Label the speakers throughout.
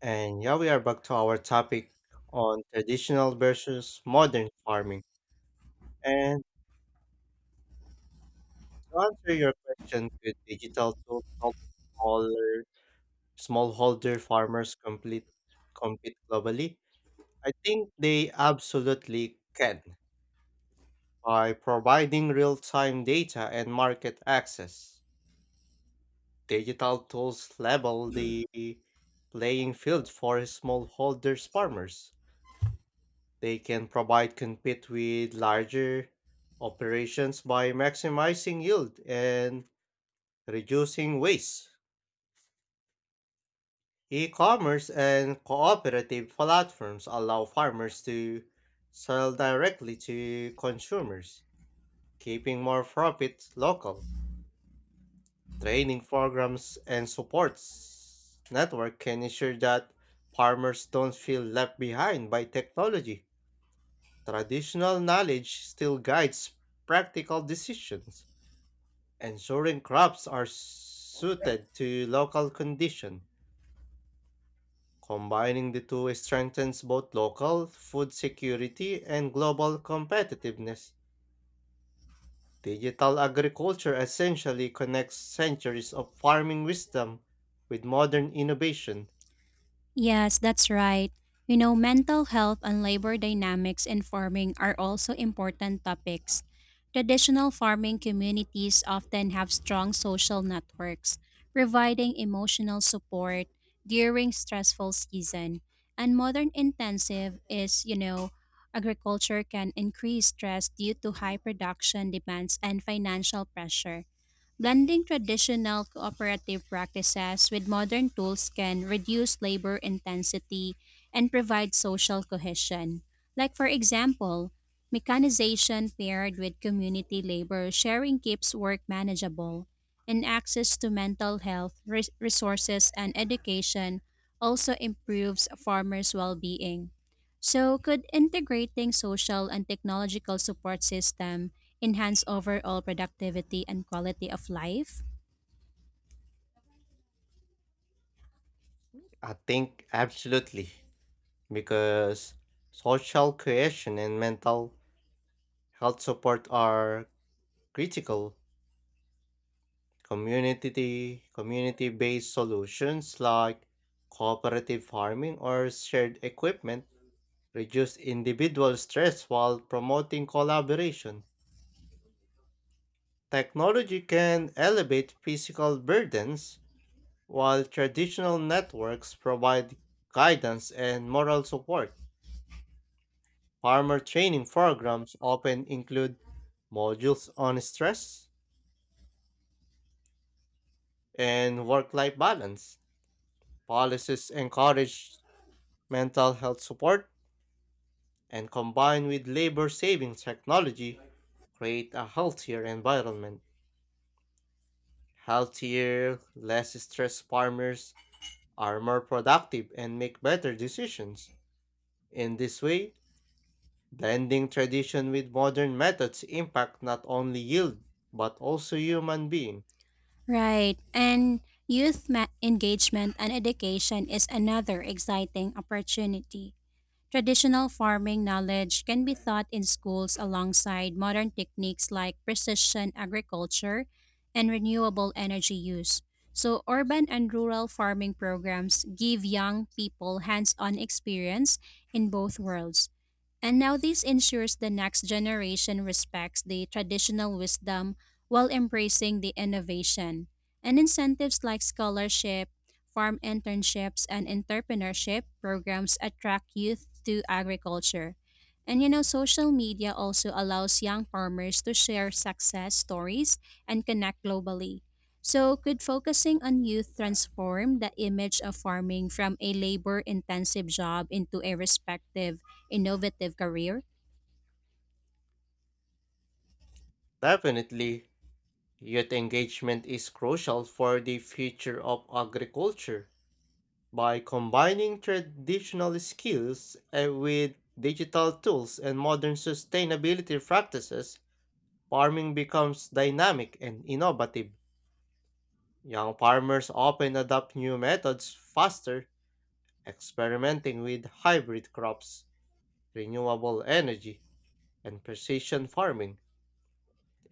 Speaker 1: And yeah, we are back to our topic on traditional versus modern farming. And to answer your question, could digital tools help smaller smallholder farmers complete compete globally? I think they absolutely can by providing real-time data and market access. Digital tools level the playing field for smallholders farmers. They can provide compete with larger operations by maximizing yield and reducing waste. E-commerce and cooperative platforms allow farmers to sell directly to consumers, keeping more profit local. Training programs and supports network can ensure that farmers don't feel left behind by technology. Traditional knowledge still guides practical decisions. Ensuring crops are suited to local condition. Combining the two strengthens both local food security and global competitiveness. Digital agriculture essentially connects centuries of farming wisdom with modern innovation.
Speaker 2: Yes, that's right. Mental health and labor dynamics in farming are also important topics. Traditional farming communities often have strong social networks, providing emotional support during stressful season. And modern intensive is, agriculture can increase stress due to high production demands and financial pressure. Blending traditional cooperative practices with modern tools can reduce labor intensity and provide social cohesion. Like, for example, mechanization paired with community labor sharing keeps work manageable, and access to mental health resources and education also improves farmers' well being. So, could integrating social and technological support system enhance overall productivity and quality of life?
Speaker 1: I think absolutely, because social cohesion and mental health support are critical. Community-based solutions like cooperative farming or shared equipment reduce individual stress while promoting collaboration. Technology can elevate physical burdens while traditional networks provide guidance and moral support. Farmer training programs often include modules on stress and work-life balance. Policies encourage mental health support and combined with labor saving technology, create a healthier environment. Healthier, less stressed farmers are more productive and make better decisions. In this way, blending tradition with modern methods impact not only yield but also human being.
Speaker 2: Right. And youth engagement and education is another exciting opportunity. Traditional farming knowledge can be taught in schools alongside modern techniques like precision agriculture and renewable energy use. So, urban and rural farming programs give young people hands on experience in both worlds. And now this ensures the next generation respects the traditional wisdom while embracing the innovation. And incentives like scholarship, farm internships, and entrepreneurship programs attract youth to agriculture. And social media also allows young farmers to share success stories and connect globally. So, could focusing on youth transform the image of farming from a labor intensive job into a respective innovative career?
Speaker 1: Definitely, youth engagement is crucial for the future of agriculture. By combining traditional skills with digital tools and modern sustainability practices, farming becomes dynamic and innovative. Young farmers often adopt new methods faster, experimenting with hybrid crops, renewable energy, and precision farming.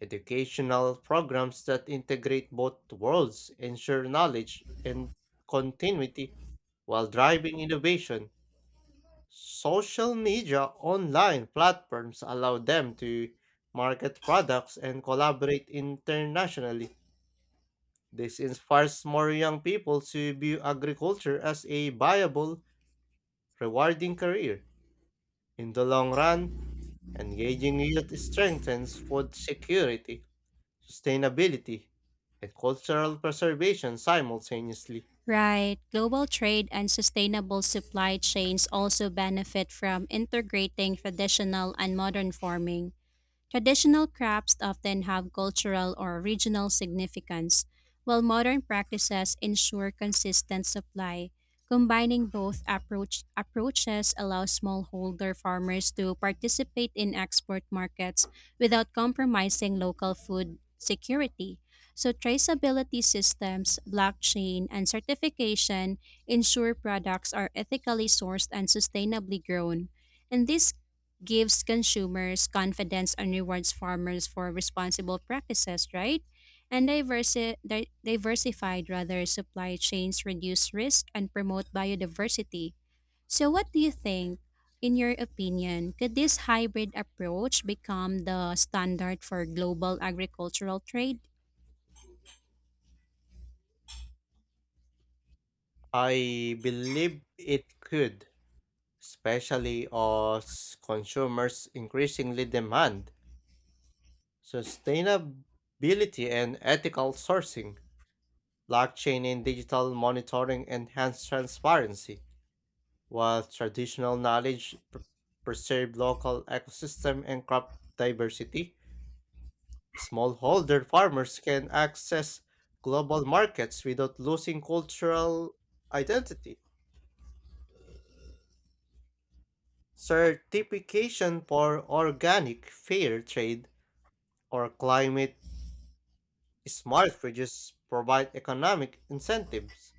Speaker 1: Educational programs that integrate both worlds ensure knowledge and continuity while driving innovation. Social media online platforms allow them to market products and collaborate internationally. This inspires more young people to view agriculture as a viable, rewarding career. In the long run, engaging youth strengthens food security, sustainability, and cultural preservation simultaneously.
Speaker 2: Right. Global trade and sustainable supply chains also benefit from integrating traditional and modern farming. Traditional crafts often have cultural or regional significance, while modern practices ensure consistent supply. Combining both approaches allows smallholder farmers to participate in export markets without compromising local food security. So, traceability systems, blockchain, and certification ensure products are ethically sourced and sustainably grown. And this gives consumers confidence and rewards farmers for responsible practices, right? And diversified rather supply chains reduce risk and promote biodiversity. So what do you think, in your opinion, could this hybrid approach become the standard for global agricultural trade?
Speaker 1: I believe it could, especially as consumers increasingly demand sustainability and ethical sourcing. Blockchain and digital monitoring enhance transparency, while traditional knowledge preserve local ecosystem and crop diversity. Smallholder farmers can access global markets without losing cultural identity. Certification for organic fair trade or climate smart fridges provide economic incentives.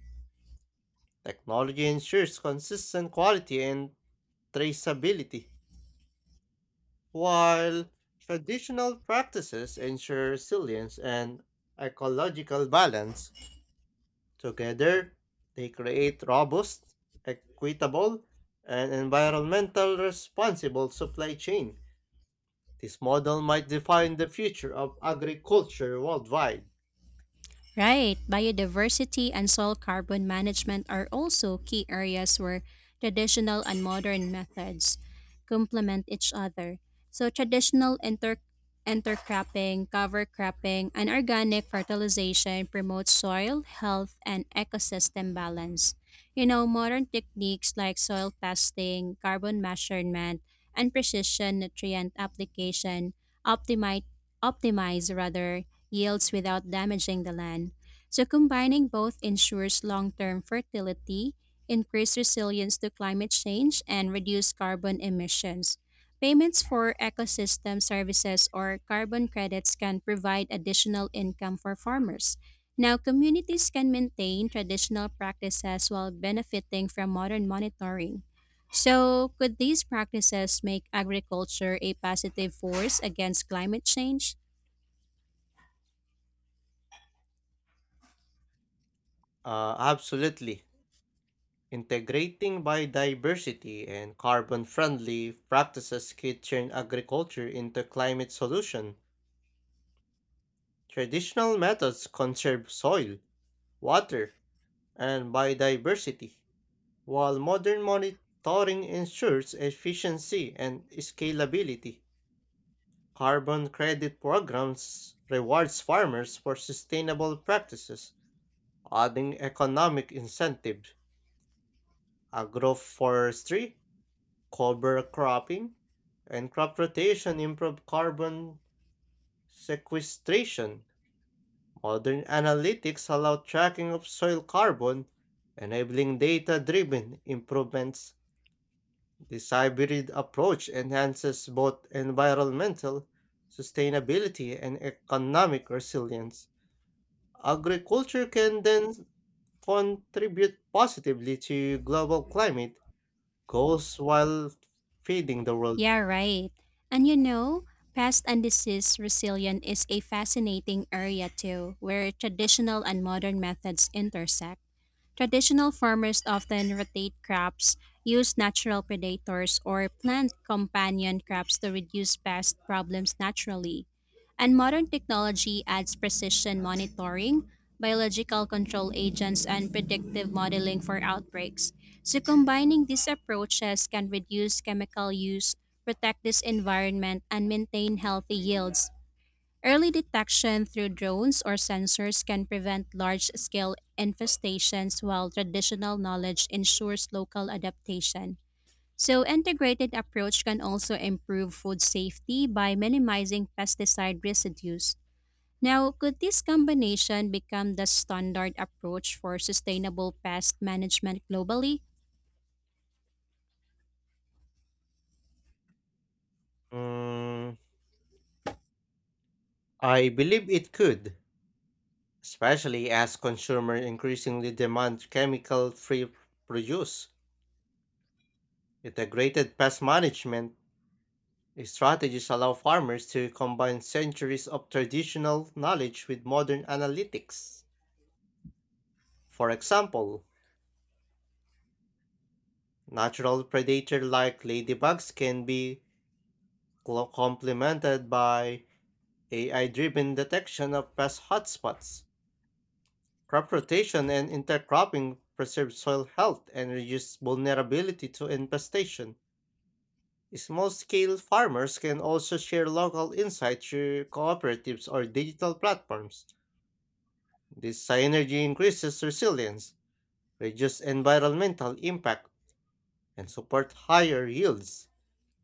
Speaker 1: Technology ensures consistent quality and traceability, while traditional practices ensure resilience and ecological balance. Together, they create robust, equitable, and environmental responsible supply chain. This model might define the future of agriculture worldwide.
Speaker 2: Right. Biodiversity and soil carbon management are also key areas where traditional and modern methods complement each other. So traditional intercropping, cover cropping, and organic fertilization promote soil health and ecosystem balance. Modern techniques like soil testing, carbon measurement, and precision nutrient application optimize optimize rather yields without damaging the land. So combining both ensures long-term fertility, increased resilience to climate change, and reduced carbon emissions. Payments for ecosystem services or carbon credits can provide additional income for farmers. Now, communities can maintain traditional practices while benefiting from modern monitoring. So, could these practices make agriculture a positive force against climate change?
Speaker 1: Absolutely. Integrating biodiversity and carbon-friendly practices kitchen agriculture into climate solution. Traditional methods conserve soil, water, and biodiversity, while modern monitoring ensures efficiency and scalability. Carbon credit programs rewards farmers for sustainable practices, adding economic incentive. Agroforestry cover cropping and crop rotation improve carbon sequestration. Modern analytics allow tracking of soil carbon, enabling data driven improvements. This hybrid approach enhances both environmental sustainability and economic resilience. Agriculture can then contribute positively to global climate goals while feeding the world.
Speaker 2: Yeah, right. And you know, pest and disease resilience is a fascinating area too, where traditional and modern methods intersect. Traditional farmers often rotate crops, use natural predators, or plant companion crops to reduce pest problems naturally. And modern technology adds precision monitoring, biological control agents, and predictive modeling for outbreaks. So combining these approaches can reduce chemical use, protect this environment, and maintain healthy yields. Early detection through drones or sensors can prevent large-scale infestations while traditional knowledge ensures local adaptation. So integrated approach can also improve food safety by minimizing pesticide residues. Now, could this combination become the standard approach for sustainable pest management globally?
Speaker 1: Mm, I believe it could, especially as consumers increasingly demand chemical free produce. Integrated pest management strategies allow farmers to combine centuries of traditional knowledge with modern analytics. For example, natural predators like ladybugs can be complemented by AI driven detection of pest hotspots. Crop rotation and intercropping preserve soil health and reduce vulnerability to infestation. Small scale farmers can also share local insights through cooperatives or digital platforms. This synergy increases resilience, reduces environmental impact, and supports higher yields.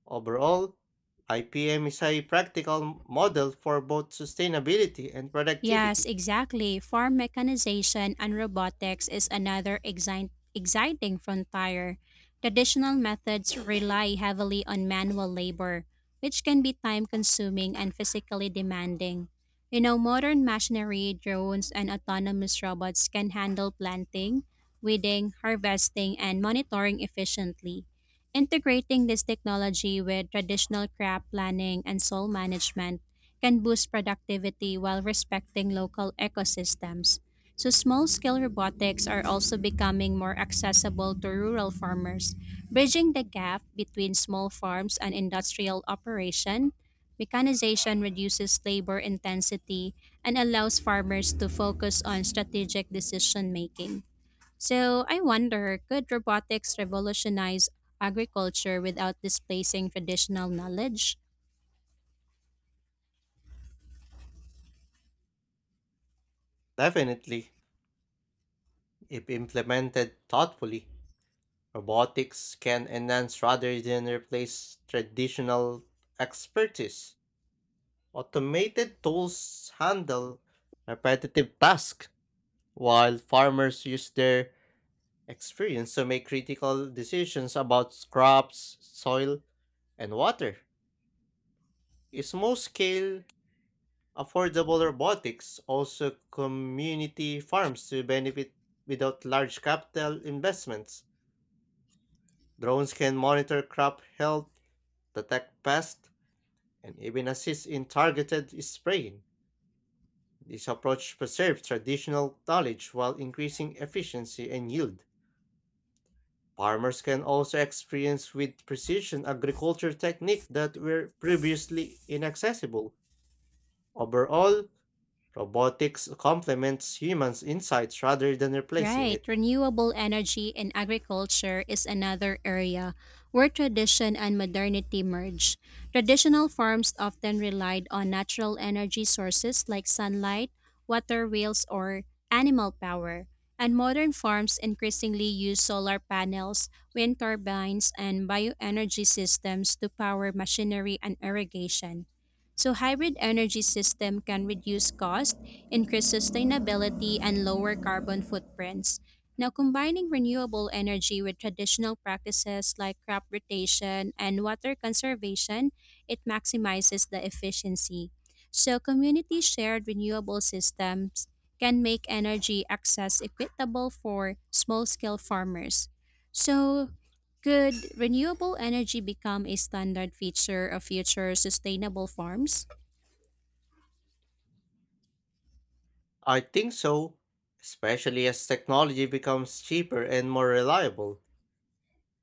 Speaker 1: Overall, IPM is a practical model for both sustainability and
Speaker 2: Yes,
Speaker 1: productivity.
Speaker 2: exactly. Farm mechanization and robotics is another exciting frontier. Traditional methods rely heavily on manual labor, which can be time consuming and physically demanding. Modern machinery, drones, and autonomous robots can handle planting, weeding, harvesting, and monitoring efficiently. Integrating this technology with traditional crop planning and soil management can boost productivity while respecting local ecosystems. So, small scale robotics are also becoming more accessible to rural farmers, bridging the gap between small farms and industrial operation. Mechanization reduces labor intensity and allows farmers to focus on strategic decision making. So, I wonder, could robotics revolutionize agriculture without displacing traditional knowledge?
Speaker 1: Definitely, if implemented thoughtfully. Robotics can enhance rather than replace traditional expertise. Automated tools handle repetitive tasks, while farmers use their experience to make critical decisions about crops, soil, and water. Small scale, affordable robotics also community farms to benefit without large capital investments. Drones can monitor crop health, detect pests, and even assist in targeted spraying. This approach preserves traditional knowledge while increasing efficiency and yield. Farmers can also experience with precision agriculture techniques that were previously inaccessible. Overall, robotics complements humans' insights rather than replacing
Speaker 2: Right.
Speaker 1: it.
Speaker 2: Renewable energy in agriculture is another area where tradition and modernity merge. Traditional farms often relied on natural energy sources like sunlight, water wheels, or animal power. And modern farms increasingly use solar panels, wind turbines, and bioenergy systems to power machinery and irrigation. So hybrid energy system can reduce cost, increase sustainability, and lower carbon footprints. Now combining renewable energy with traditional practices like crop rotation and water conservation, it maximizes the efficiency. So community shared renewable systems can make energy access equitable for small-scale farmers. So could renewable energy become a standard feature of future sustainable farms?
Speaker 1: I think so, especially as technology becomes cheaper and more reliable.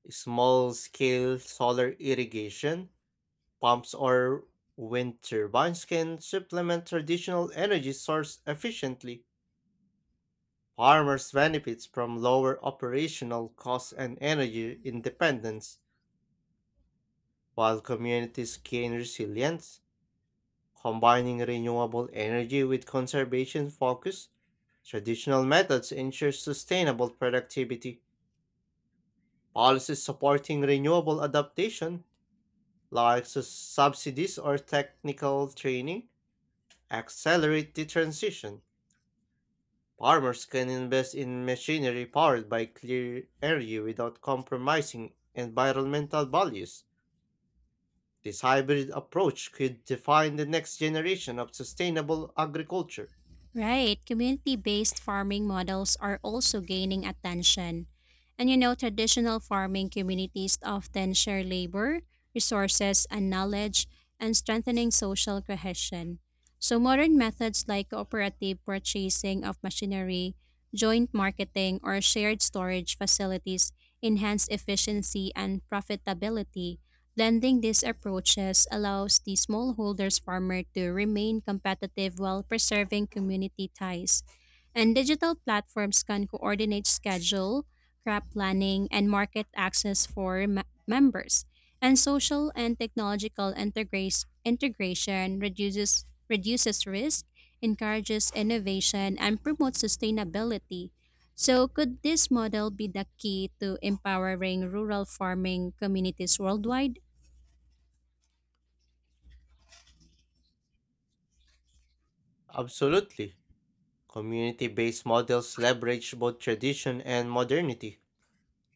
Speaker 1: Small scale solar irrigation, pumps or wind turbines can supplement traditional energy source efficiently. Farmers benefit from lower operational costs and energy independence, while communities gain resilience. Combining renewable energy with conservation focus, traditional methods ensure sustainable productivity. Policies supporting renewable adaptation, like subsidies or technical training, accelerate the transition. Farmers can invest in machinery powered by clear energy without compromising environmental values. This hybrid approach could define the next generation of sustainable agriculture.
Speaker 2: Right, community based farming models are also gaining attention. Traditional farming communities often share labor, resources, and knowledge, and strengthening social cohesion. So, modern methods like cooperative purchasing of machinery, joint marketing, or shared storage facilities enhance efficiency and profitability. Blending these approaches allows the smallholders farmer to remain competitive while preserving community ties. And digital platforms can coordinate schedule, crop planning, and market access for members. And social and technological integration reduces risk, encourages innovation, and promotes sustainability. So, could this model be the key to empowering rural farming communities worldwide?
Speaker 1: Absolutely. Community based models leverage both tradition and modernity.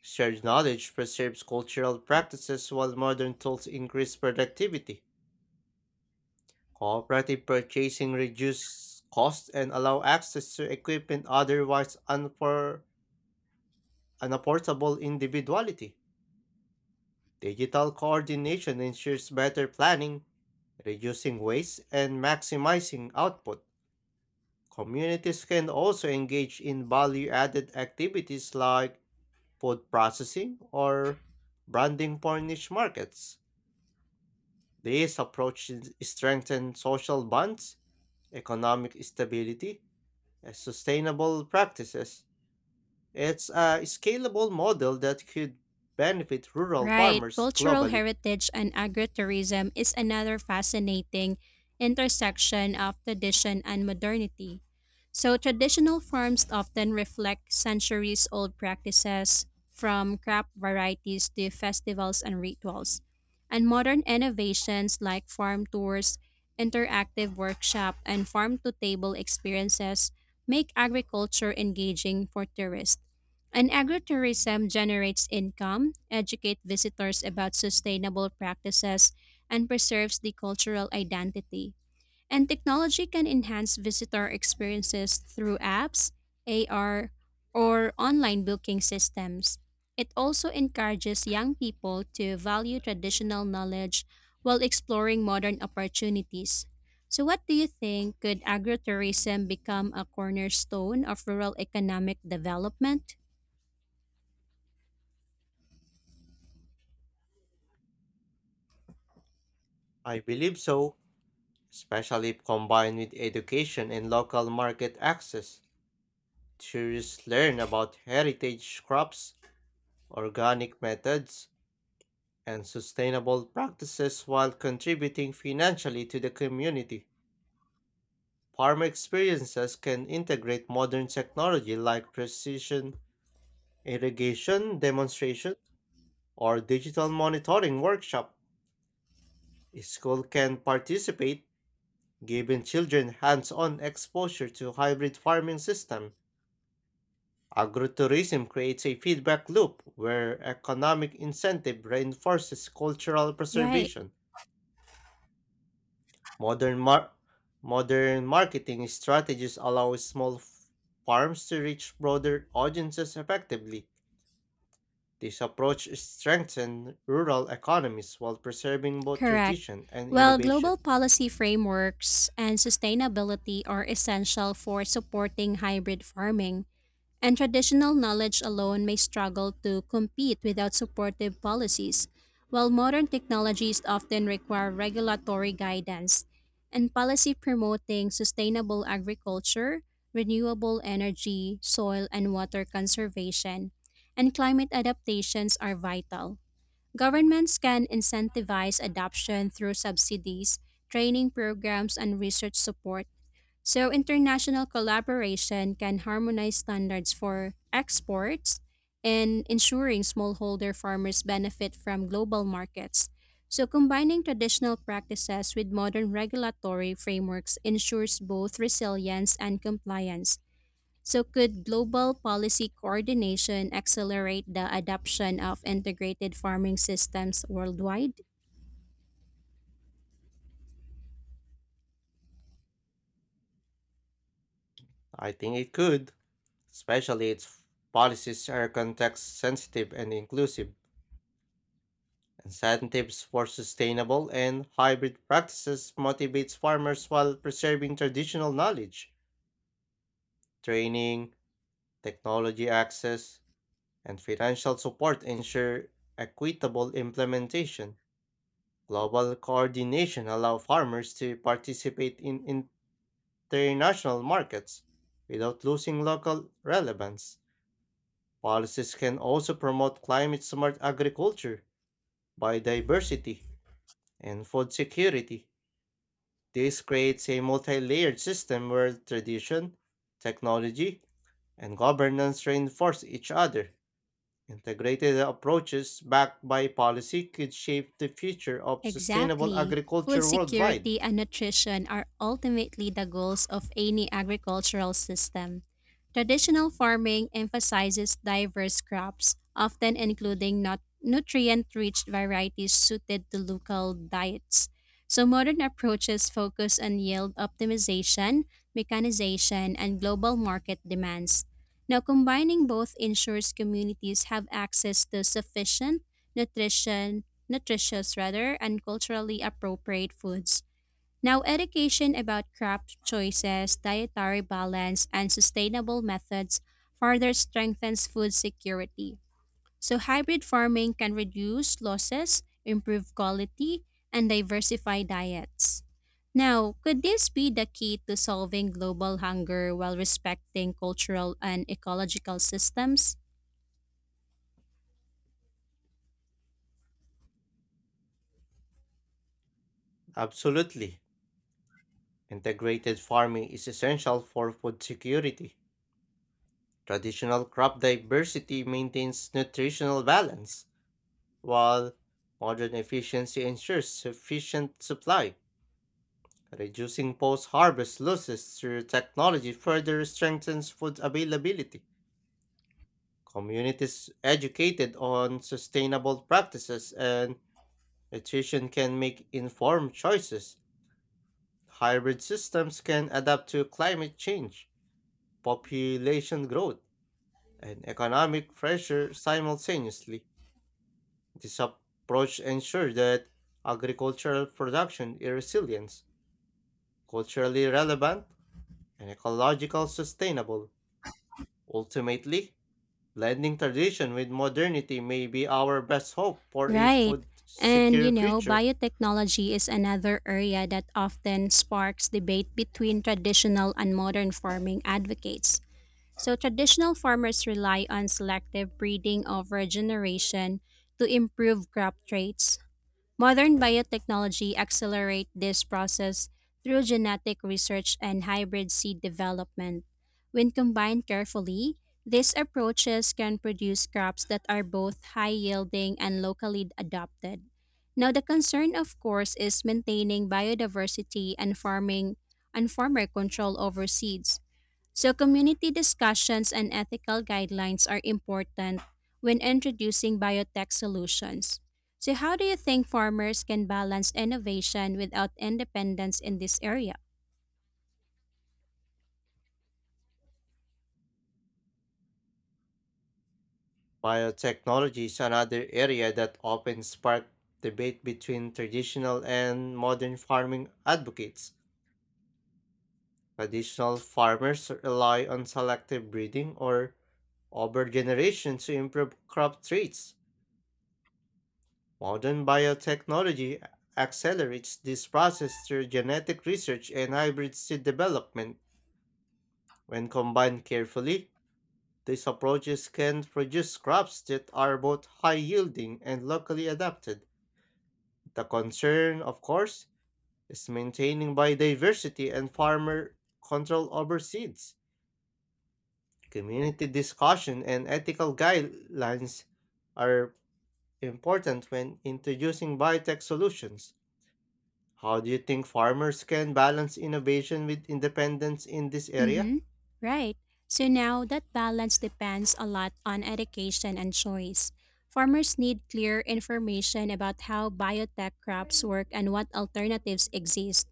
Speaker 1: Shared knowledge preserves cultural practices while modern tools increase productivity. Cooperative purchasing reduces costs and allow access to equipment otherwise an affordable individuality. Digital coordination ensures better planning, reducing waste, and maximizing output. Communities can also engage in value added activities like food processing or branding for niche markets. These approaches strengthen social bonds, economic stability, and sustainable practices. It's a scalable model that could benefit rural
Speaker 2: Right.
Speaker 1: farmers
Speaker 2: Cultural
Speaker 1: globally.
Speaker 2: heritage and agritourism is another fascinating intersection of tradition and modernity. So traditional farms often reflect centuries old practices from crop varieties to festivals and rituals. And modern innovations like farm tours, interactive workshop, and farm to table experiences make agriculture engaging for tourists. And agritourism generates income, educates visitors about sustainable practices, and preserves the cultural identity. And technology can enhance visitor experiences through apps, AR, or online booking systems. It also encourages young people to value traditional knowledge while exploring modern opportunities. So, what do you think? Could agrotourism become a cornerstone of rural economic development?
Speaker 1: I believe so, especially if combined with education and local market access. Tourists learn about heritage crops, organic methods, and sustainable practices while contributing financially to the community. Farm experiences can integrate modern technology like precision irrigation demonstration or digital monitoring workshop. A school can participate giving children hands-on exposure to hybrid farming system, agrotourism creates a feedback loop where economic incentive reinforces cultural
Speaker 2: Right.
Speaker 1: preservation. Modern mar- modern marketing strategies allow farms to reach broader audiences effectively. This approach strengthens rural economies while preserving both
Speaker 2: Correct.
Speaker 1: tradition and
Speaker 2: Well,
Speaker 1: innovation.
Speaker 2: global policy frameworks and sustainability are essential for supporting hybrid farming, and traditional knowledge alone may struggle to compete without supportive policies, while modern technologies often require regulatory guidance and policy promoting sustainable agriculture, renewable energy, soil and water conservation, and climate adaptations are vital. Governments can incentivize adoption through subsidies, training programs, and research support, so international collaboration can harmonize standards for exports and ensuring smallholder farmers benefit from global markets. So, combining traditional practices with modern regulatory frameworks ensures both resilience and compliance. So, could global policy coordination accelerate the adoption of integrated farming systems worldwide?
Speaker 1: I think it could, especially its policies are context sensitive and inclusive. Incentives for sustainable and hybrid practices motivates farmers while preserving traditional knowledge, training, technology access, and financial support ensure equitable implementation. Global coordination allow farmers to participate in international markets without losing local relevance. Policies can also promote climate smart agriculture biodiversity, and food security. This creates a multi layered system where tradition, technology, and governance reinforce each other. Integrated approaches backed by policy could shape the future of sustainable
Speaker 2: Exactly. Food
Speaker 1: agriculture worldwide.
Speaker 2: security and nutrition are ultimately the goals of any agricultural system. Traditional farming emphasizes diverse crops, often including not nutrient rich varieties suited to local diets. So, modern approaches focus on yield optimization, mechanization, and global market demands. Now, combining both ensures communities have access to sufficient nutrition nutritious rather, and culturally appropriate foods. Now, education about crop choices, dietary balance, and sustainable methods further strengthens food security. So, hybrid farming can reduce losses, improve quality, and diversify diets. Now, could this be the key to solving global hunger while respecting cultural and ecological systems?
Speaker 1: Absolutely. Integrated farming is essential for food security. Traditional crop diversity maintains nutritional balance, while modern efficiency ensures sufficient supply. Reducing post-harvest losses through technology further strengthens food availability. Communities educated on sustainable practices and nutrition can make informed choices. Hybrid systems can adapt to climate change, population growth, and economic pressure simultaneously. This approach ensures that agricultural production is resilient, culturally relevant, and ecologically sustainable. Ultimately, blending tradition with modernity may be our best hope for a
Speaker 2: Right.
Speaker 1: food secure future.
Speaker 2: Biotechnology is another area that often sparks debate between traditional and modern farming advocates. So, traditional farmers rely on selective breeding over generation to improve crop traits. Modern biotechnology accelerate this process through genetic research and hybrid seed development. When combined carefully, these approaches can produce crops that are both high yielding and locally adopted. Now the concern, of course, is maintaining biodiversity and farming and farmer control over seeds. So, community discussions and ethical guidelines are important when introducing biotech solutions. So, how do you think farmers can balance innovation without independence in this area?
Speaker 1: Biotechnology is another area that often sparks debate between traditional and modern farming advocates. Traditional farmers rely on selective breeding or over generation to improve crop traits. Modern biotechnology accelerates this process through genetic research and hybrid seed development. When combined carefully, these approaches can produce crops that are both high yielding and locally adapted. The concern, of course, is maintaining biodiversity and farmer control over seeds. Community discussion and ethical guidelines are important when introducing biotech solutions. How do you think farmers can balance innovation with independence in this area?
Speaker 2: Mm-hmm. Right. So now that balance depends a lot on education and choice. Farmers need clear information about how biotech crops work and what alternatives exist.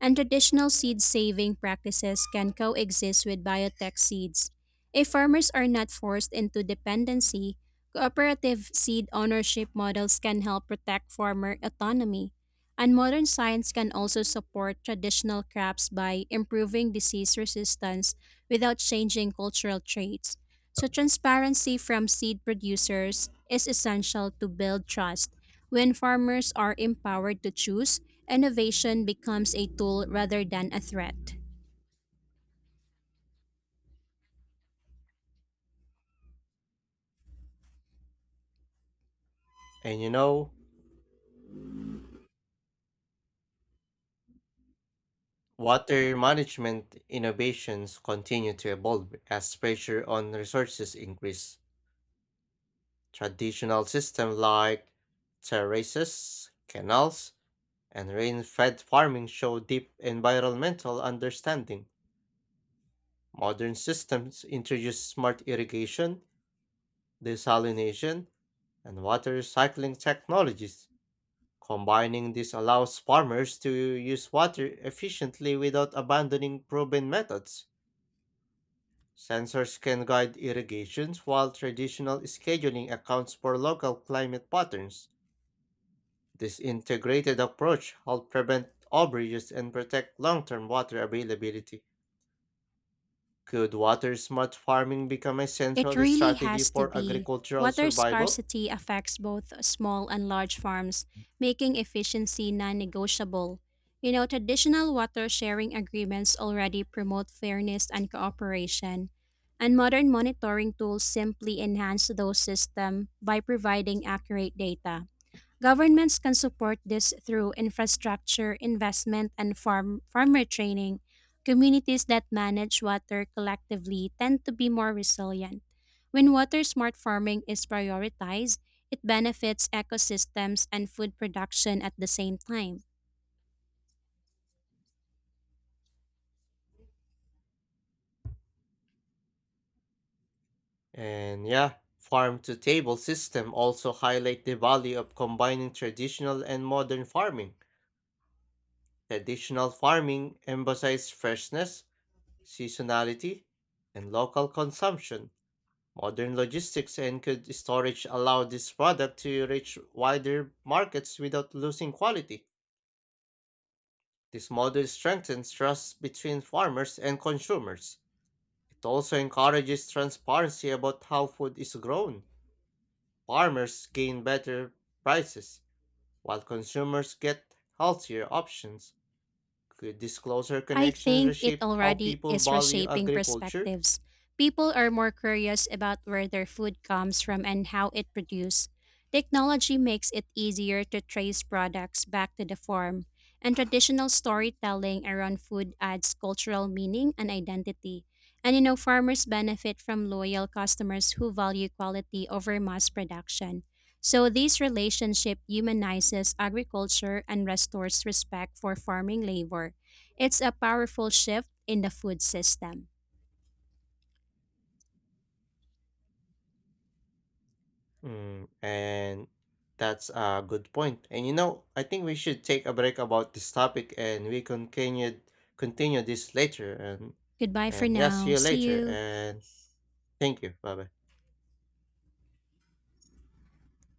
Speaker 2: And traditional seed saving practices can coexist with biotech seeds. If farmers are not forced into dependency, cooperative seed ownership models can help protect farmer autonomy. And modern science can also support traditional crops by improving disease resistance without changing cultural traits. So, transparency from seed producers is essential to build trust. When farmers are empowered to choose, innovation becomes a tool rather than a threat.
Speaker 1: And you know, water management innovations continue to evolve as pressure on resources increase. Traditional systems like terraces, canals, and rain-fed farming show deep environmental understanding. Modern systems introduce smart irrigation, desalination, and water recycling technologies. Combining this allows farmers to use water efficiently without abandoning proven methods. Sensors can guide irrigations while traditional scheduling accounts for local climate patterns. This integrated approach helps prevent overuse and protect long-term water availability. Could water smart farming become a
Speaker 2: It
Speaker 1: central
Speaker 2: really
Speaker 1: strategy
Speaker 2: has to
Speaker 1: for
Speaker 2: be.
Speaker 1: agricultural
Speaker 2: Water
Speaker 1: survival?
Speaker 2: scarcity affects both small and large farms, making efficiency non negotiable. Traditional water sharing agreements already promote fairness and cooperation, and modern monitoring tools simply enhance those systems by providing accurate data. Governments can support this through infrastructure investment and farmer training. Communities that manage water collectively tend to be more resilient. When water smart farming is prioritized, it benefits ecosystems and food production at the same time.
Speaker 1: And yeah, farm to table system also highlight the value of combining traditional and modern farming. Traditional farming emphasizes freshness, seasonality, and local consumption. Modern logistics and cold storage allow this product to reach wider markets without losing quality. This model strengthens trust between farmers and consumers. It also encourages transparency about how food is grown. Farmers gain better prices, while consumers get healthier options. Could this closer
Speaker 2: I
Speaker 1: connection
Speaker 2: think it
Speaker 1: reshape how
Speaker 2: already
Speaker 1: people
Speaker 2: is
Speaker 1: value
Speaker 2: reshaping
Speaker 1: agriculture?
Speaker 2: perspectives. People are more curious about where their food comes from and how it produced. Technology makes it easier to trace products back to the farm, and traditional storytelling around food adds cultural meaning and identity. And farmers benefit from loyal customers who value quality over mass production. So, this relationship humanizes agriculture and restores respect for farming labor. It's a powerful shift in the food system.
Speaker 1: Mm, and that's a good point. And you know, I think we should take a break about this topic and we continue this later
Speaker 2: Goodbye for
Speaker 1: and yeah, see
Speaker 2: now.
Speaker 1: you
Speaker 2: See
Speaker 1: later
Speaker 2: you.
Speaker 1: and thank you. Bye bye.